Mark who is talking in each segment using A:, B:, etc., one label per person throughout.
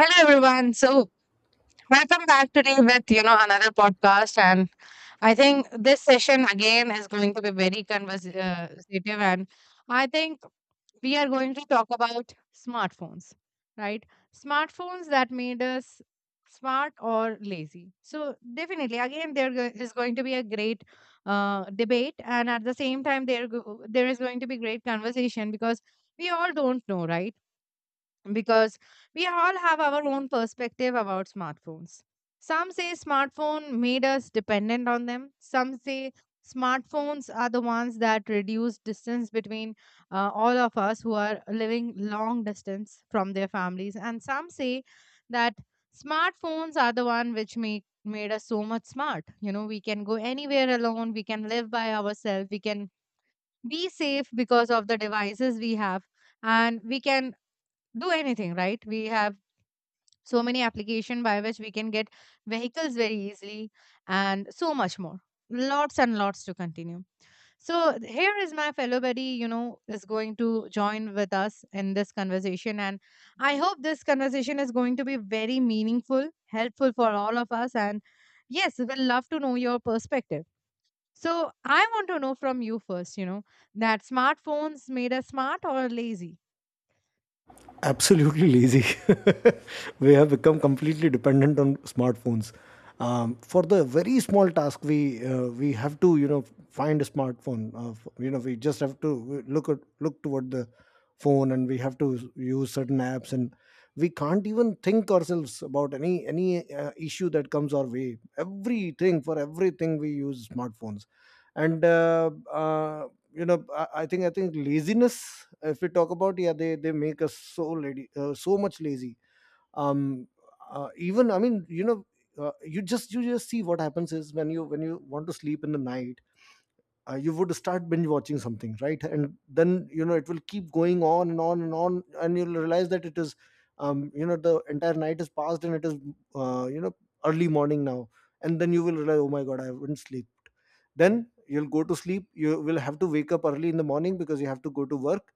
A: Hello everyone. Welcome back today with another podcast, and I think this session again is going to be very conversative, and I think we are going to talk about smartphones, right? Smartphones that made us smart or lazy. So definitely, again, is going to be a great debate, and at the same time, there is going to be great conversation because we all don't know, right? Because we all have our own perspective about smartphones. Some say smartphone made us dependent on them. Some say smartphones are the ones that reduce distance between all of us who are living long distance from their families. And some say that smartphones are the one which make made us so much smart. You know, we can go anywhere alone. We can live by ourselves. We can be safe because of the devices we have, and we can do anything, right? We have so many application by which we can get vehicles very easily, and so much more. Lots and lots to continue. So here is my fellow buddy, is going to join with us in this conversation. And I hope this conversation is going to be very meaningful, helpful for all of us. And yes, we'll love to know your perspective. So I want to know from you first, that smartphones made us smart or lazy?
B: Absolutely lazy. We have become completely dependent on smartphones. For the very small task, we have to find a smartphone. We just have to look toward the phone, and we have to use certain apps, and we can't even think ourselves about any issue that comes our way. Everything for everything we use smartphones, and I think laziness, if we talk about, yeah, they make us so lady, so much lazy. um Even, you just, see what happens is, when you want to sleep in the night, you would start binge watching something, right? And then you know it will keep going on and on and on, and you'll realize that it is, the entire night is passed and it is, uh, you know early morning now. And then you will realize, oh my god, I haven't sleep. Then you'll go to sleep, you will have to wake up early in the morning because you have to go to work.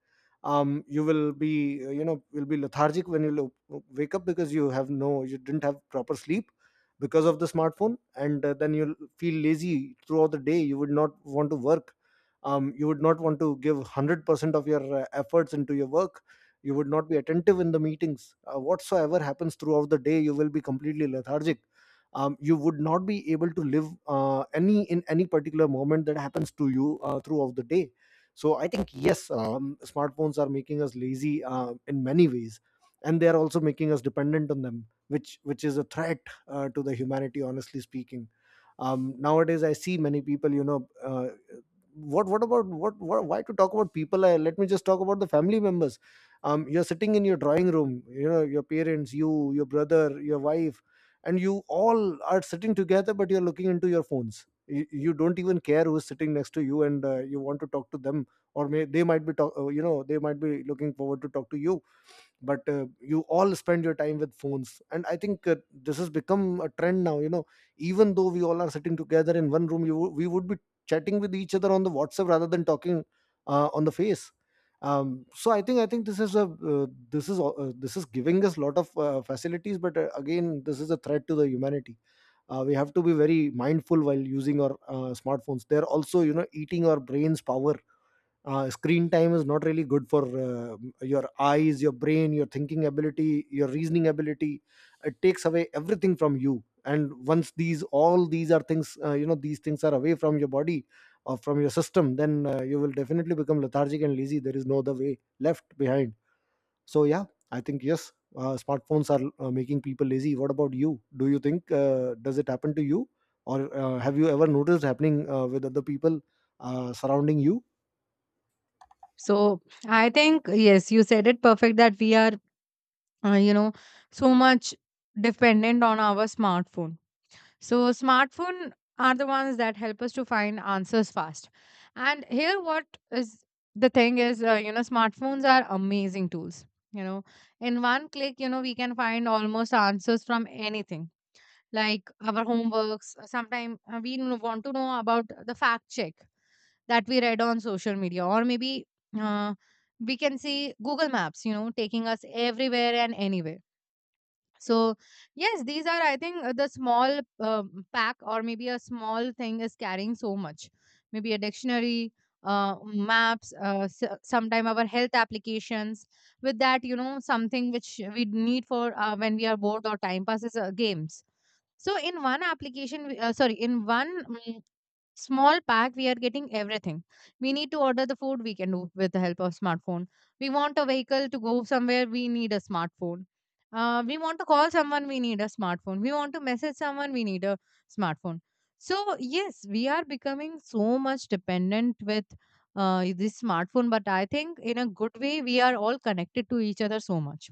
B: You will be, will be lethargic when you wake up, because you have no, you didn't have proper sleep because of the smartphone. And then you'll feel lazy throughout the day, you would not want to work. You would not want to give 100% of your efforts into your work. You would not be attentive in the meetings, whatsoever happens throughout the day you will be completely lethargic. You would not be able to live any in any particular moment that happens to you throughout the day. So I think yes, smartphones are making us lazy, in many ways. And they are also making us dependent on them, which is a threat, to the humanity, honestly speaking. Nowadays I see many people, you know what about what why to talk about people. Let me just talk about the family members. You're sitting in your drawing room, you know, your parents, you, your brother, your wife, and you all are sitting together, but you're looking into your phones. You don't even care who's sitting next to you and you want to talk to them. Or they might be talk, you know they might be looking forward to talk to you, but you all spend your time with phones. And I think, this has become a trend now, you know. Even though we all are sitting together in one room, we would be chatting with each other on the whatsapp rather than talking on the face. So I think, this is a, this is giving us a lot of facilities, but again, this is a threat to the humanity. We have to be very mindful while using our smartphones. They're also, you know, eating our brains power. Screen time is not really good for your eyes, your brain, your thinking ability, your reasoning ability. It takes away everything from you, and once these, all these are things, these things are away from your body or from your system, then you will definitely become lethargic and lazy. There is no other way left behind. So yeah, I think yes, smartphones are making people lazy. What about you? Do you think, does it happen to you, or have you ever noticed happening with other people surrounding you?
A: So I think yes, you said it perfect that we are uh, you know so much dependent on our smartphone. So smartphone are the ones that help us to find answers fast. And here, what is the thing is smartphones are amazing tools. You know, in one click, we can find almost answers from anything like our homeworks. Sometimes want to know about the fact check that we read on social media, or maybe uh, we can see Google Maps, you know, taking us everywhere and anywhere. So yes, these are, I think, the small pack, or maybe a small thing is carrying so much. Maybe a dictionary, uh, maps, sometime our health applications, with that, you know, something which we need for when we are bored or time passes, games. So in one application we- sorry in one small pack we are getting everything. We need to order the food, we can do with the help of smartphone. We want a vehicle to go somewhere, we need a smartphone. We want to call someone, we need a smartphone. We want to message someone, we need a smartphone. So yes, we are becoming so much dependent with this smartphone, but I think in a good way we are all connected to each other so much,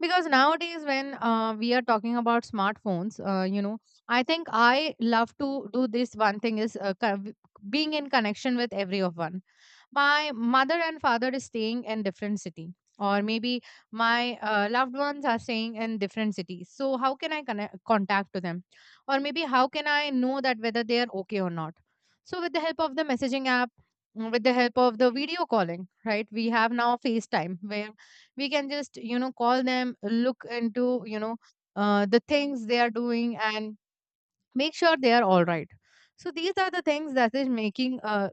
A: because nowadays when we are talking about smartphones, I think I love to do this one thing is being in connection with everyone. My mother and father is staying in different city, or maybe my loved ones are staying in different cities, so how can I connect, contact to them, or maybe how can I know that whether they are okay or not? So with the help of the messaging app, with the help of the video calling, right, we have now FaceTime where we can just, you know, call them, look into, you know, the things they are doing and make sure they are all right. So these are the things that is making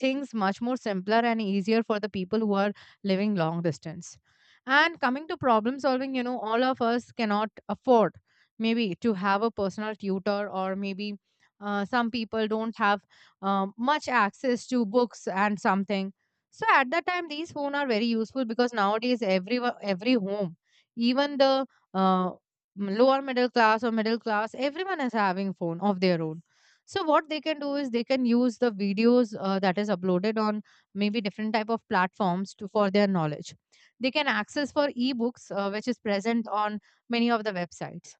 A: things much more simpler and easier for the people who are living long distance. And coming to problem solving, you know, all of us cannot afford maybe to have a personal tutor, or maybe some people don't have much access to books and something. So at that time, these phone are very useful, because nowadays every home, even the uh, lower middle class or middle class, everyone is having phone of their own. So what they can do is they can use the videos that is uploaded on maybe different type of platforms to for their knowledge. They can access for ebooks which is present on many of the websites.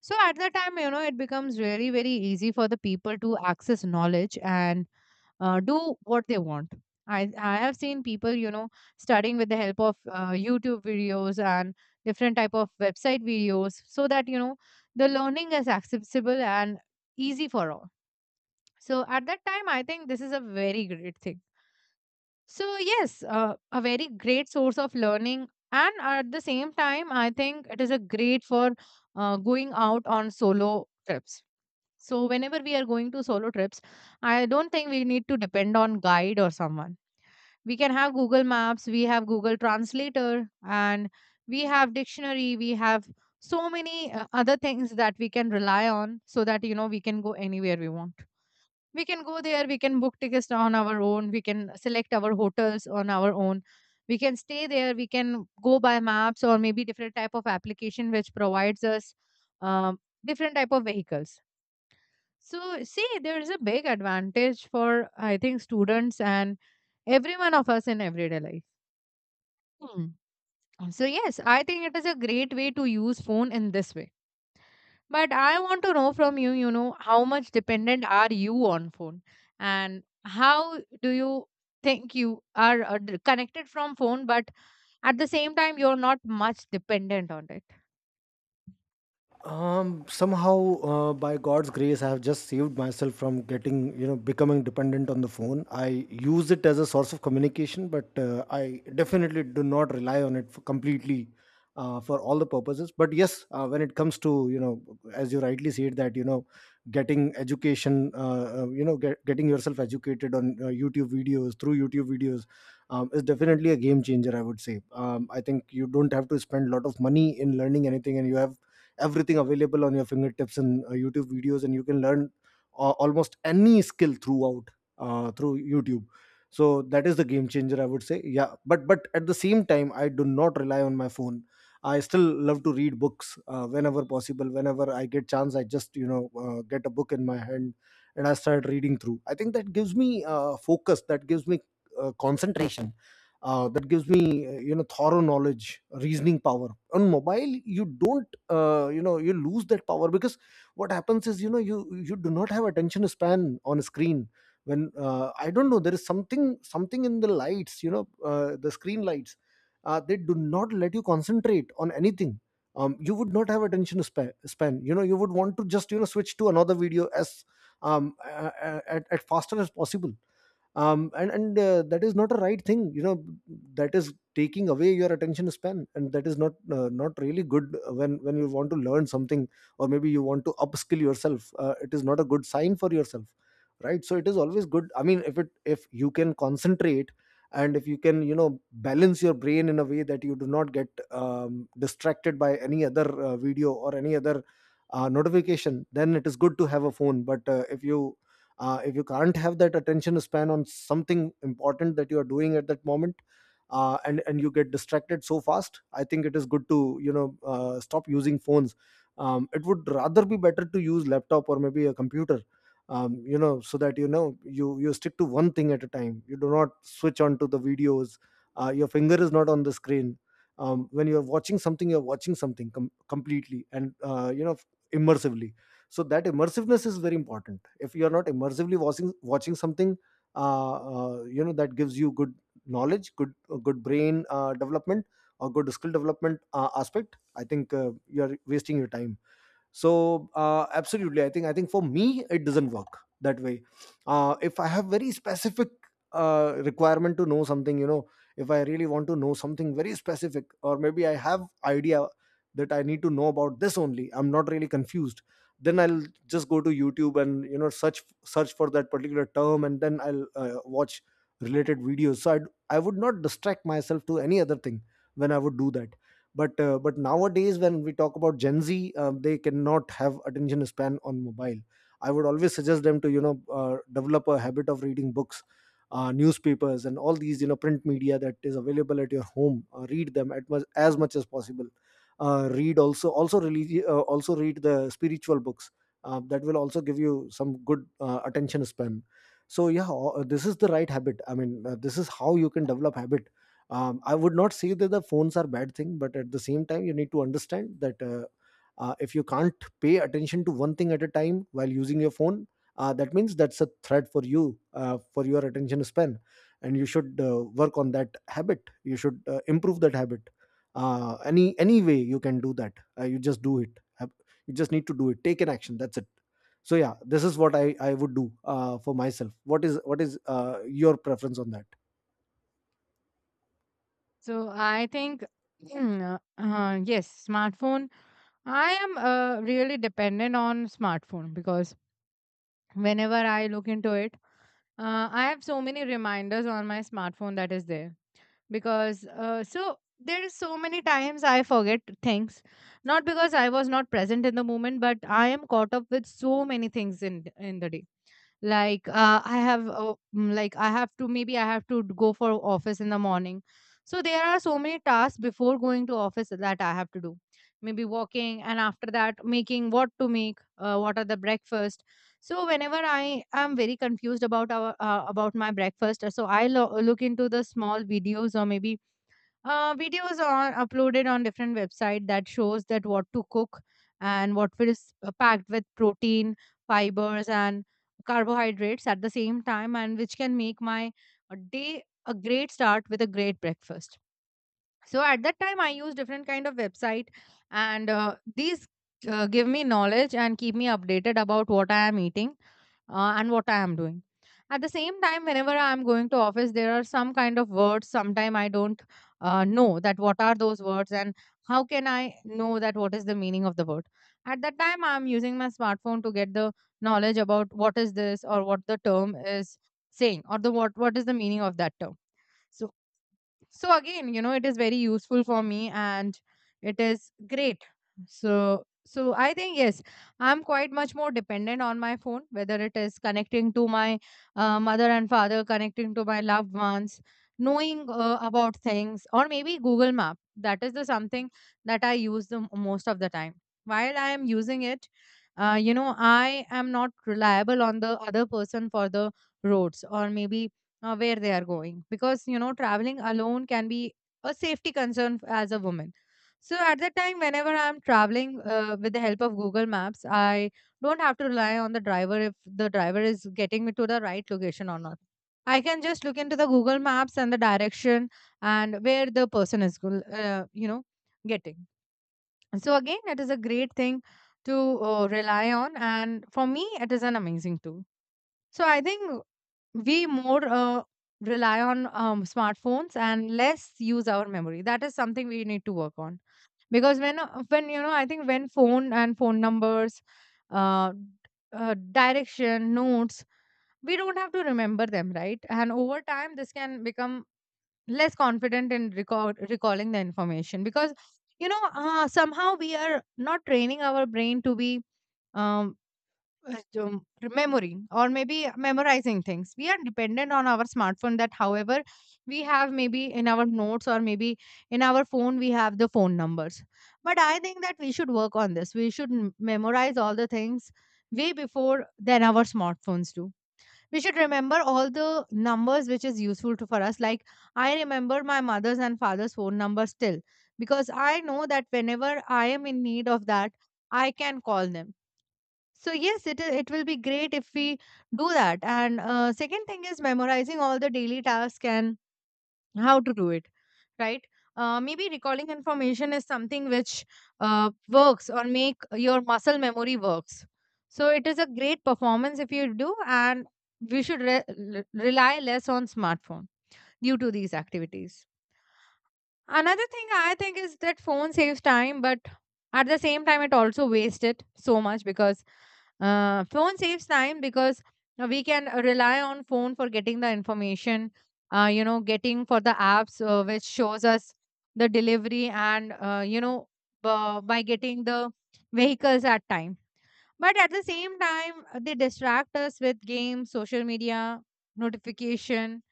A: So at that time, you know, it becomes really very easy for the people to access knowledge and do what they want. I have seen people, you know, studying with the help of YouTube videos and different type of website videos, so that, you know, the learning is accessible and easy for all. So at that time, I think this is a very great thing. So, yes, a very great source of learning. And at the same time, I think it is a great for going out on solo trips. So, whenever we are going to solo trips, I don't think we need to depend on guide or someone. We can have Google Maps, we have Google Translator, and we have dictionary, we have so many other things that we can rely on, so that, you know, we can go anywhere we want. We can go there, we can book tickets on our own, we can select our hotels on our own. We can stay there, we can go by maps or maybe different type of application which provides us um, different type of vehicles. So see, there is a big advantage for I think students and every one of us in everyday life. Hmm. So yes, I think it is a great way to use phone in this way. But I want to know from you, you know, how much dependent are you on phone, and how do you think you are connected from phone but at the same time you're not much dependent on it.
B: Somehow, by God's grace, I have just saved myself from getting, you know, becoming dependent on the phone. I use it as a source of communication, but I definitely do not rely on it for completely for all the purposes. But yes, when it comes to, you know, as you rightly said, that, you know, getting education, getting yourself educated on YouTube videos, through YouTube videos, is definitely a game changer, I would say. I think you don't have to spend a lot of money in learning anything, and you have everything available on your fingertips and YouTube videos, and you can learn almost any skill throughout, through YouTube. So that is the game changer, I would say. Yeah, but at the same time, I do not rely on my phone. I still love to read books, whenever possible, whenever I get chance, I just, get a book in my hand and I start reading through. I think that gives me focus, that gives me concentration, that gives me thorough knowledge, reasoning power. On mobile, you don't, you lose that power, because what happens is, you know, you do not have attention span on a screen. When, I don't know, there is something in the lights, you know, the screen lights, they do not let you concentrate on anything. You would not have attention span, you know, you would want to just, you know, switch to another video as, at faster as possible. And that is not a right thing, you know, that is taking away your attention span, and that is not, not really good when you want to learn something, or maybe you want to upskill yourself. It is not a good sign for yourself, right? So it is always good, I mean, if it, if you can concentrate and if you can, you know, balance your brain in a way that you do not get, distracted by any other video or any other notification, then it is good to have a phone. But if you, if you can't have that attention span on something important that you are doing at that moment, and you get distracted so fast, I think it is good to, you know, stop using phones. It would rather be better to use laptop or maybe a computer, you know, so that, you know, you stick to one thing at a time, you do not switch on to the videos, your finger is not on the screen. When you're watching something, you're watching something completely and, immersively. So that immersiveness is very important. If you are not immersively watching something, that gives you good knowledge, good, good brain development, or good skill development aspect. I think you are wasting your time. So absolutely, I think, for me it doesn't work that way. If I have very specific requirement to know something, you know, if I really want to know something very specific, or maybe I have idea that I need to know about this only, I'm not really confused, then I'll just go to YouTube and, you know, search for that particular term, and then I'll watch related videos. I would not distract myself to any other thing when I would do that. But nowadays when we talk about Gen Z, they cannot have attention span on mobile. I would always suggest them to, you know, develop a habit of reading books, newspapers, and all these, you know, print media that is available at your home. Read them at much as possible. Read also also read the spiritual books. That will also give you some good attention span. So yeah, this is the right habit, I mean, this is how you can develop habits. I would not say that the phones are bad thing, but at the same time, you need to understand that, if you can't pay attention to one thing at a time while using your phone, that means that's a threat for you, for your attention span, and you should work on that habit, you should improve that habit, any way you can do that. You just do it. You just need to do it, take an action, that's it. So yeah, this is what I would do for myself. What is, your preference on that?
A: So I think yes, smartphone, I am really dependent on smartphone, because whenever I look into it, I have so many reminders on my smartphone that is there, because so there is so many times I forget things, not because I was not present in the moment, but I am caught up with so many things in the day. Like like I have to, maybe I have to go for office in the morning, so there are so many tasks before going to office that I have to do. Maybe walking, and after that making what to make, what are the breakfast. So whenever I am very confused about our about my breakfast, so look into the small videos, or maybe videos are uploaded on different website that shows that what to cook and what is packed with protein, fibers, and carbohydrates at the same time, and which can make my day a great start with a great breakfast. So at that time I use different kind of website, and these give me knowledge and keep me updated about what I am eating and what I am doing. At the same time, whenever I am going to office, there are some kind of words sometime I don't know that what are those words, and how can I know that what is the meaning of the word. At that time I am using my smartphone to get the knowledge about what is this, or what the term is saying, or the what is the meaning of that term. So, so again, you know, it is very useful for me, and it is great. So I think yes, I'm quite much more dependent on my phone, whether it is connecting to my mother and father, connecting to my loved ones, knowing about things, or maybe Google Map, that is the something that I use the most of the time. While I am using it, you know, I am not reliable on the other person for the roads, or maybe where they are going, because you know traveling alone can be a safety concern as a woman. So at that time, whenever I'm traveling, with the help of Google Maps, I don't have to rely on the driver if the driver is getting me to the right location or not. I can just look into the Google Maps and the direction, and where the person is you know, getting. So again, it is a great thing to rely on, and for me it is an amazing tool. So I think we more rely on smartphones and less use our memory, that is something we need to work on. Because when when, you know, I think when phone and phone numbers, uh, direction notes, we don't have to remember them, right? And over time this can become less confident in recalling the information, because you know somehow We are not training our brain to be um, remembering or maybe memorizing things. We are dependent on our smartphone that, however, we have maybe in our notes or maybe in our phone, we have the phone numbers. But I think that we should work on this. We should memorize all the things way before than our smartphones do. We should remember all the numbers which is useful to, for us. Like I remember my mother's and father's phone number still because I know that whenever I am in need of that, I can call them, so yes, it will be great if we do that. And second thing is memorizing all the daily tasks and how to do it, right? Maybe recalling information is something which works or make your muscle memory works. So it is a great performance if you do, and we should rely less on smartphone due to these activities. Another thing I think is that phone saves time, but at the same time, it also wastes it so much because phone saves time because we can rely on phone for getting the information, getting for the apps which shows us the delivery and, by getting the vehicles at time. But at the same time, they distract us with games, social media, notification,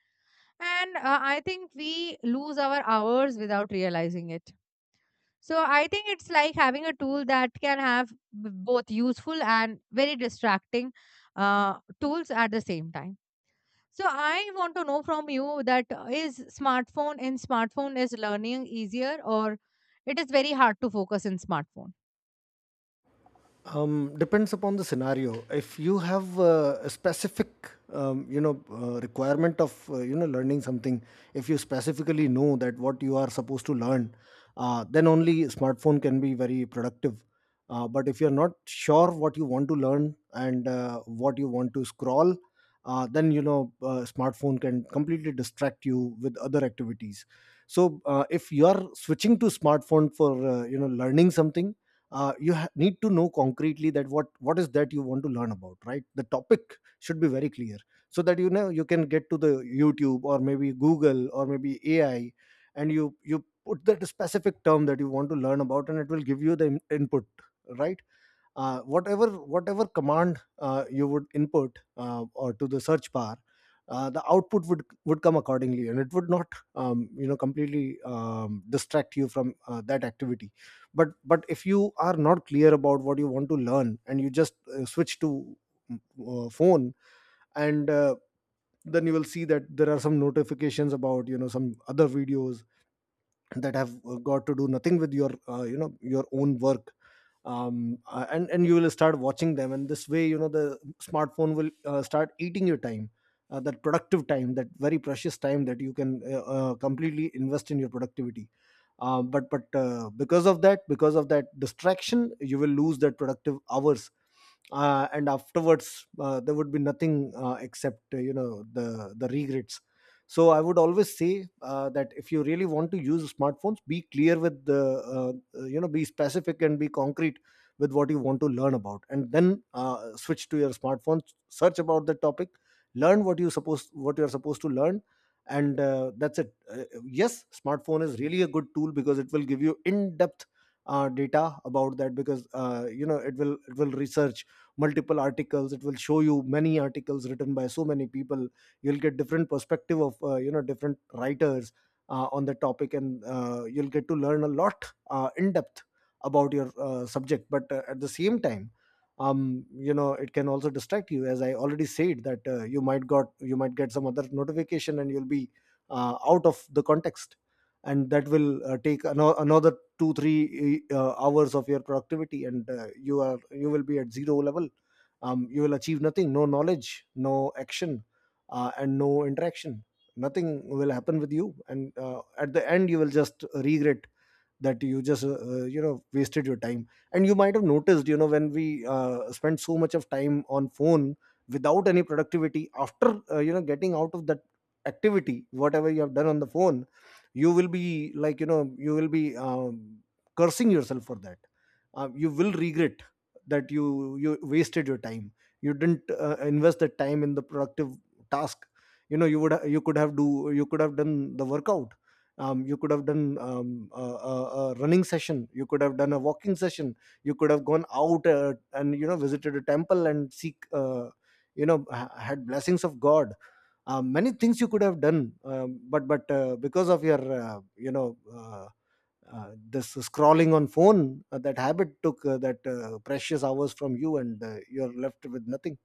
A: and I think we lose our hours without realizing it. So I think it's like having a tool that can have both useful and very distracting tools at the same time. So I want to know from you that is smartphone in smartphone is learning easier or it is very hard to focus in smartphone?
B: Depends upon the scenario. If you have a specific, requirement of, learning something, if you specifically know that what you are supposed to learn, then only smartphone can be very productive. But if you're not sure what you want to learn, and what you want to scroll, then you know smartphone can completely distract you with other activities. So if you are switching to smartphone for, you know, learning something, you need to know concretely that what is that you want to learn about, right? The topic should be very clear, so that, you know, you can get to the YouTube, or maybe Google, or maybe AI, and you put that specific term that you want to learn about, and it will give you the input, right. Whatever command you would input, or to the search bar, the output would come accordingly, and it would not, you know, completely, distract you from that activity. But if you are not clear about what you want to learn, and you just switch to phone, and then you will see that there are some notifications about, you know, some other videos that have got to do nothing with your, you know, your own work. And you will start watching them, and this way, you know, the smartphone will start eating your time, that productive time, that very precious time that you can completely invest in your productivity. But because of that distraction, you will lose that productive hours, and afterwards, there would be nothing except, you know, the regrets. So I would always say that if you really want to use smartphones, be clear with the, you know, be specific and be concrete with what you want to learn about, and then switch to your smartphone, search about the topic, learn what you are supposed to learn, and that's it. Yes, smartphone is really a good tool, because it will give you in-depth data about that, because, you know, it will research multiple articles, it will show you many articles written by so many people. You'll get different perspective of, you know, different writers on the topic, and you'll get to learn a lot, in depth, about your subject. But at the same time, you know, it can also distract you, as I already said, that you might get some other notification, and you'll be out of the context. And that will take another 2-3 hours of your productivity, and you will be at zero level. You will achieve nothing. No knowledge, no action, and no interaction. Nothing will happen with you, and at the end you will just regret that you just, you know, wasted your time. And you might have noticed, you know, when we spend so much of time on phone without any productivity, after, you know, getting out of that activity, whatever you have done on the phone, you will be like, you know, you will be cursing yourself for that. You will regret that you wasted your time, you didn't invest the time in the productive task. You know, you could have done the workout. You could have done, a running session, you could have done a walking session, you could have gone out, and, you know, visited a temple and seek, you know, had blessings of god. Many things you could have done, but because of your, this scrolling on phone, that habit took that precious hours from you, and you're left with nothing.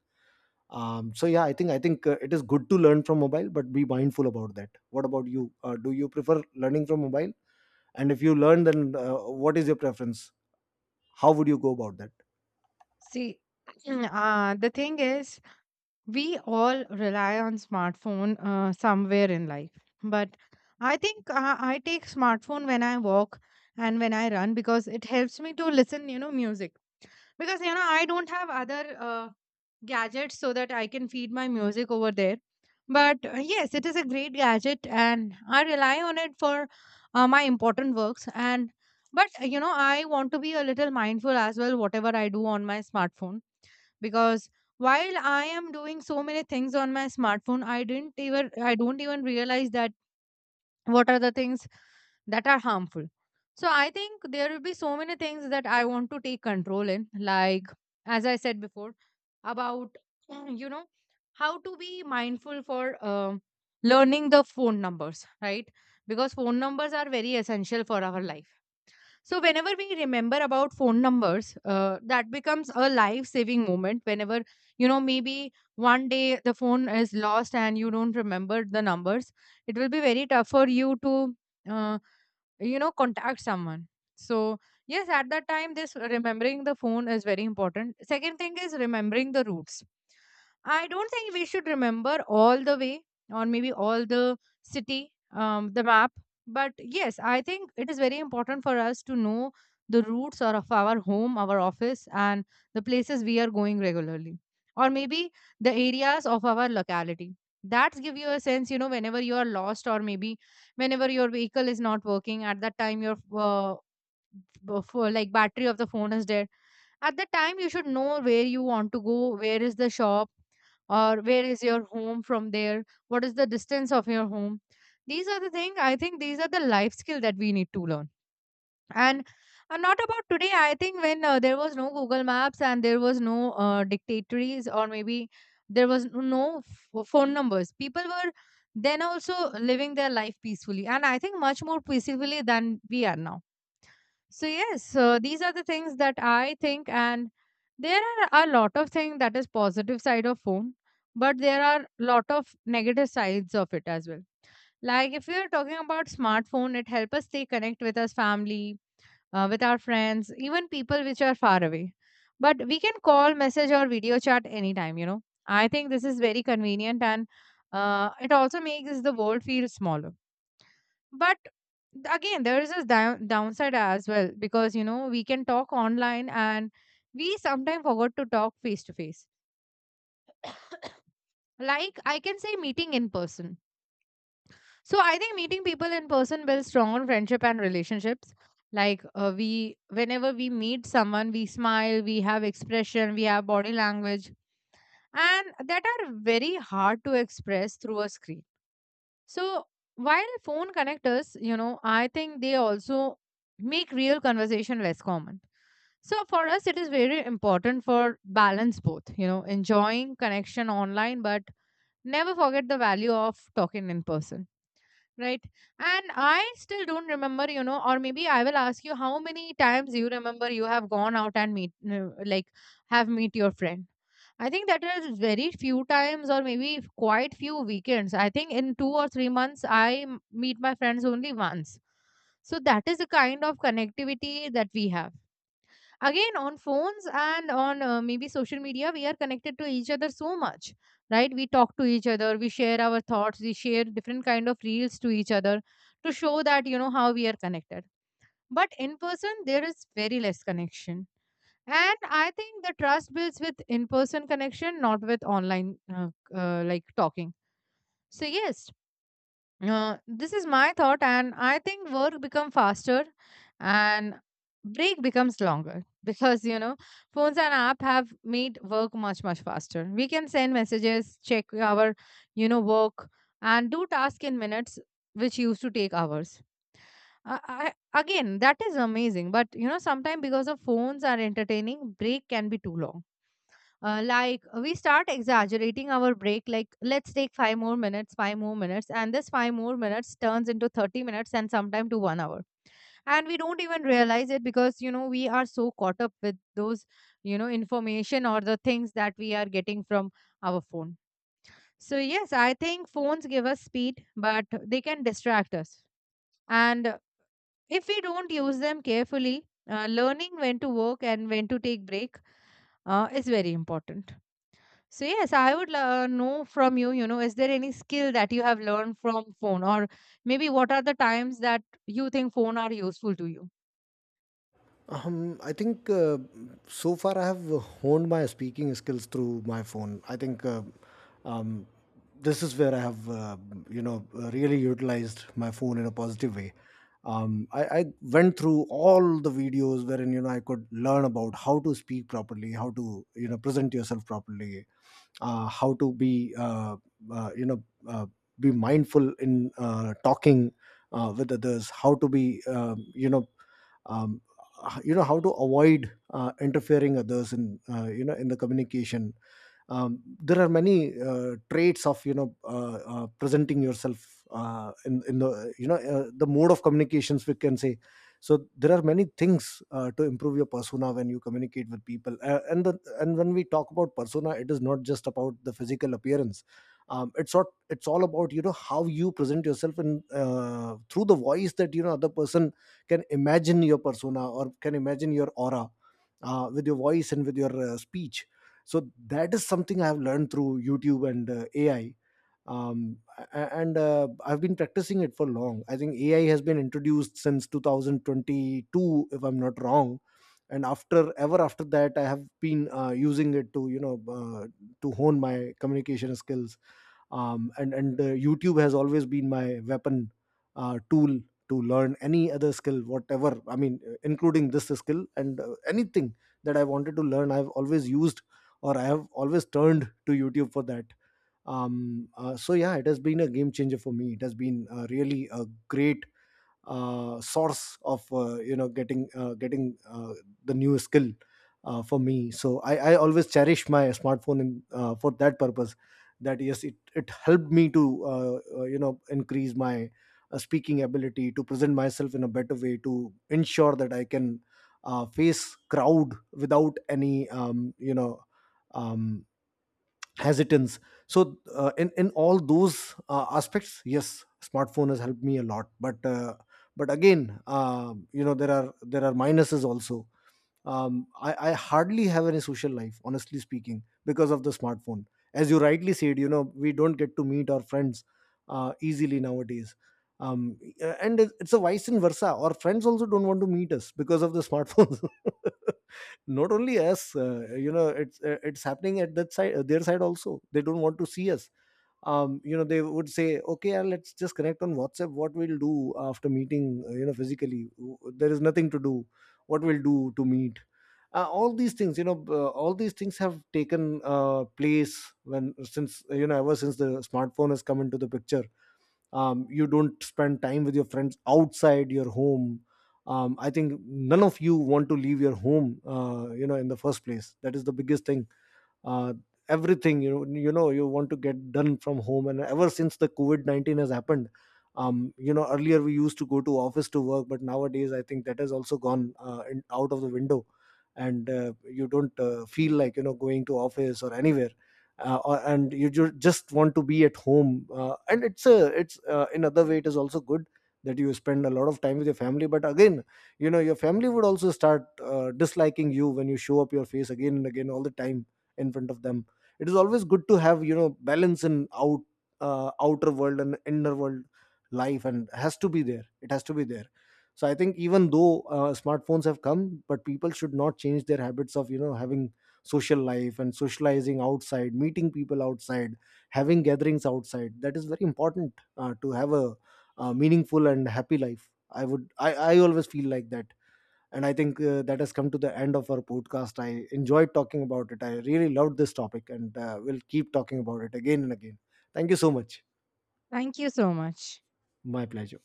B: So yeah, I think it is good to learn from mobile, but be mindful about that. What about you? Do you prefer learning from mobile? And if you learn, then what is your preference? How would you go about that?
A: See, the thing is, we all rely on smartphone somewhere in life, but I think I take smartphone when I walk and when I run because it helps me to listen, you know, music because, you know, I don't have other uh, gadgets so that I can feed my music over there. But yes, it is a great gadget and I rely on it for my important works, and but you know, I want to be a little mindful as well whatever I do on my smartphone, because while I am doing so many things on my smartphone, I don't even realize that what are the things that are harmful. So I think there will be so many things that I want to take control in, like as I said before, about you know, how to be mindful for learning the phone numbers, right? Because phone numbers are very essential for our life. So whenever we remember about phone numbers, that becomes a life-saving moment. Whenever you know, maybe one day the phone is lost and you don't remember the numbers, it will be very tough for you to, uh, you know, contact someone. So yes, at that time, this remembering the phone is very important. Second thing is remembering the routes. I don't think we should remember all the way or maybe all the city, the map, but yes, I think it is very important for us to know the roots or of our home, our office, and the places we are going regularly, or maybe the areas of our locality. That give you a sense, you know, whenever you are lost, or maybe whenever your vehicle is not working at that time, your like battery of the phone is dead. At the time, you should know where you want to go, where is the shop or where is your home, from there what is the distance of your home. These are the thing, I think these are the life skill that we need to learn. And not about today, I think when there was no Google Maps and there was no dictatories or maybe there was no phone numbers, people were then also living their life peacefully, and I think much more peacefully than we are now. So yes, these are the things that I think, and there are a lot of things that is positive side of phone, but there are lot of negative sides of it as well. Like if we are talking about smartphone, it help us stay connect with our family, with our friends, even people which are far away. But we can call, message, or video chat anytime. You know, I think this is very convenient, and it also makes the world feel smaller, but again there is a downside as well, because you know we can talk online and we sometimes forgot to talk face to face, like I can say meeting in person. So I think meeting people in person builds strong friendship and relationships. Like we, whenever we meet someone, we smile, we have expression, we have body language, and that are very hard to express through a screen. So while phone connectors, you know, I think they also make real conversation less common. So for us, it is very important for balance both, you know, enjoying connection online, but never forget the value of talking in person. Right. And I still don't remember, you know, or maybe I will ask you how many times you remember you have gone out and meet, no, like, have meet your friend. I think that is very few times, or maybe quite few weekends. I think in two or three months, I meet my friends only once. So that is the kind of connectivity that we have again on phones and on maybe social media. We are connected to each other so much, right? We talk to each other, we share our thoughts, we share different kind of reels to each other to show that, you know, how we are connected. But in person there is very less connection, and I think the trust builds with in person connection, not with online uh, like talking. So yes, this is my thought, and I think work become faster and break becomes longer because you know phones and app have made work much much faster. We can send messages, check our, you know, work, and do task in minutes, which used to take hours. Again, that is amazing, but you know sometimes because of phones are entertaining, break can be too long, like we start exaggerating our break, like let's take 5 more minutes, 5 more minutes, and this 5 more minutes turns into 30 minutes and sometime to 1 hour, and we don't even realize it because you know we are so caught up with those, you know, information or the things that we are getting from our phone. So yes, I think phones give us speed, but they can distract us, and if we don't use them carefully, learning when to work and when to take break is very important. So yes, I would know from you, you know, is there any skill that you have learned from phone or maybe what are the times that you think phone are useful to you?
B: I think so far I have honed my speaking skills through my phone. I think, um, this is where I have, you know, really utilized my phone in a positive way. I went through all the videos wherein, you know, I could learn about how to speak properly, how to, you know, present yourself properly, how to be, uh, you know uh, be mindful in talking with others, how to be, you know, um, you know, how to avoid interfering others in, you know, in the communication. There are many traits of, you know, presenting yourself in the, you know, the mode of communications, we can say. So there are many things to improve your persona when you communicate with people, and when we talk about persona, it is not just about the physical appearance. It's not, it's all about, you know, how you present yourself in, through the voice, that, you know, other person can imagine your persona, or can imagine your aura with your voice and with your speech. So that is something I have learned through YouTube and AI. Um, a- and uh, I've been practicing it for long. I think AI has been introduced since 2022, if I'm not wrong, and after ever after that I have been using it to, you know, to hone my communication skills. And YouTube has always been my weapon tool to learn any other skill, whatever. I mean, including this skill, and anything that I wanted to learn, I've always used, or I have always turned to YouTube for that. So yeah, it has been a game changer for me. It has been, really a great source of, you know, getting, the new skill for me. So I always cherish my smartphone, for that purpose, that yes, it helped me to, you know, increase my speaking ability, to present myself in a better way, to ensure that I can face crowd without any, you know, um, hesitance. So in all those aspects, yes, smartphone has helped me a lot, but, again, you know, there are minuses also. I hardly have any social life, honestly speaking, because of the smartphone. As you rightly said, you know, we don't get to meet our friends easily nowadays. And it's a vice and versa. Our friends also don't want to meet us because of the smartphones not only us, you know, it's happening at that side, their side also, they don't want to see us. You know, they would say, okay, let's just connect on WhatsApp. What we'll do after meeting, you know, physically? There is nothing to do. What we'll do to meet. All these things, you know, all these things have taken place, when since you know, ever since the smartphone has come into the picture. You don't spend time with your friends outside your home. I think none of you want to leave your home, you know, in the first place. That is the biggest thing, uh, everything, you know, you want to get done from home. And ever since the COVID-19 has happened, you know, earlier we used to go to office to work, but nowadays I think that has also gone, out of the window, and you don't feel like, you know, going to office or anywhere, and you just want to be at home. And it's a it's in other way, it is also good that you spend a lot of time with your family, but again, you know, your family would also start disliking you when you show up your face again and again all the time in front of them. It is always good to have, you know, balance in outer world and inner world. Life and has to be there, it has to be there. So I think, even though smartphones have come, but people should not change their habits of, you know, having social life and socializing outside, meeting people outside, having gatherings outside. That is very important, to have a meaningful and happy life. I always feel like that. And I think that has come to the end of our podcast. I enjoyed talking about it. I really loved this topic, and we'll keep talking about it again and again. Thank you so much.
A: Thank you so much.
B: My pleasure.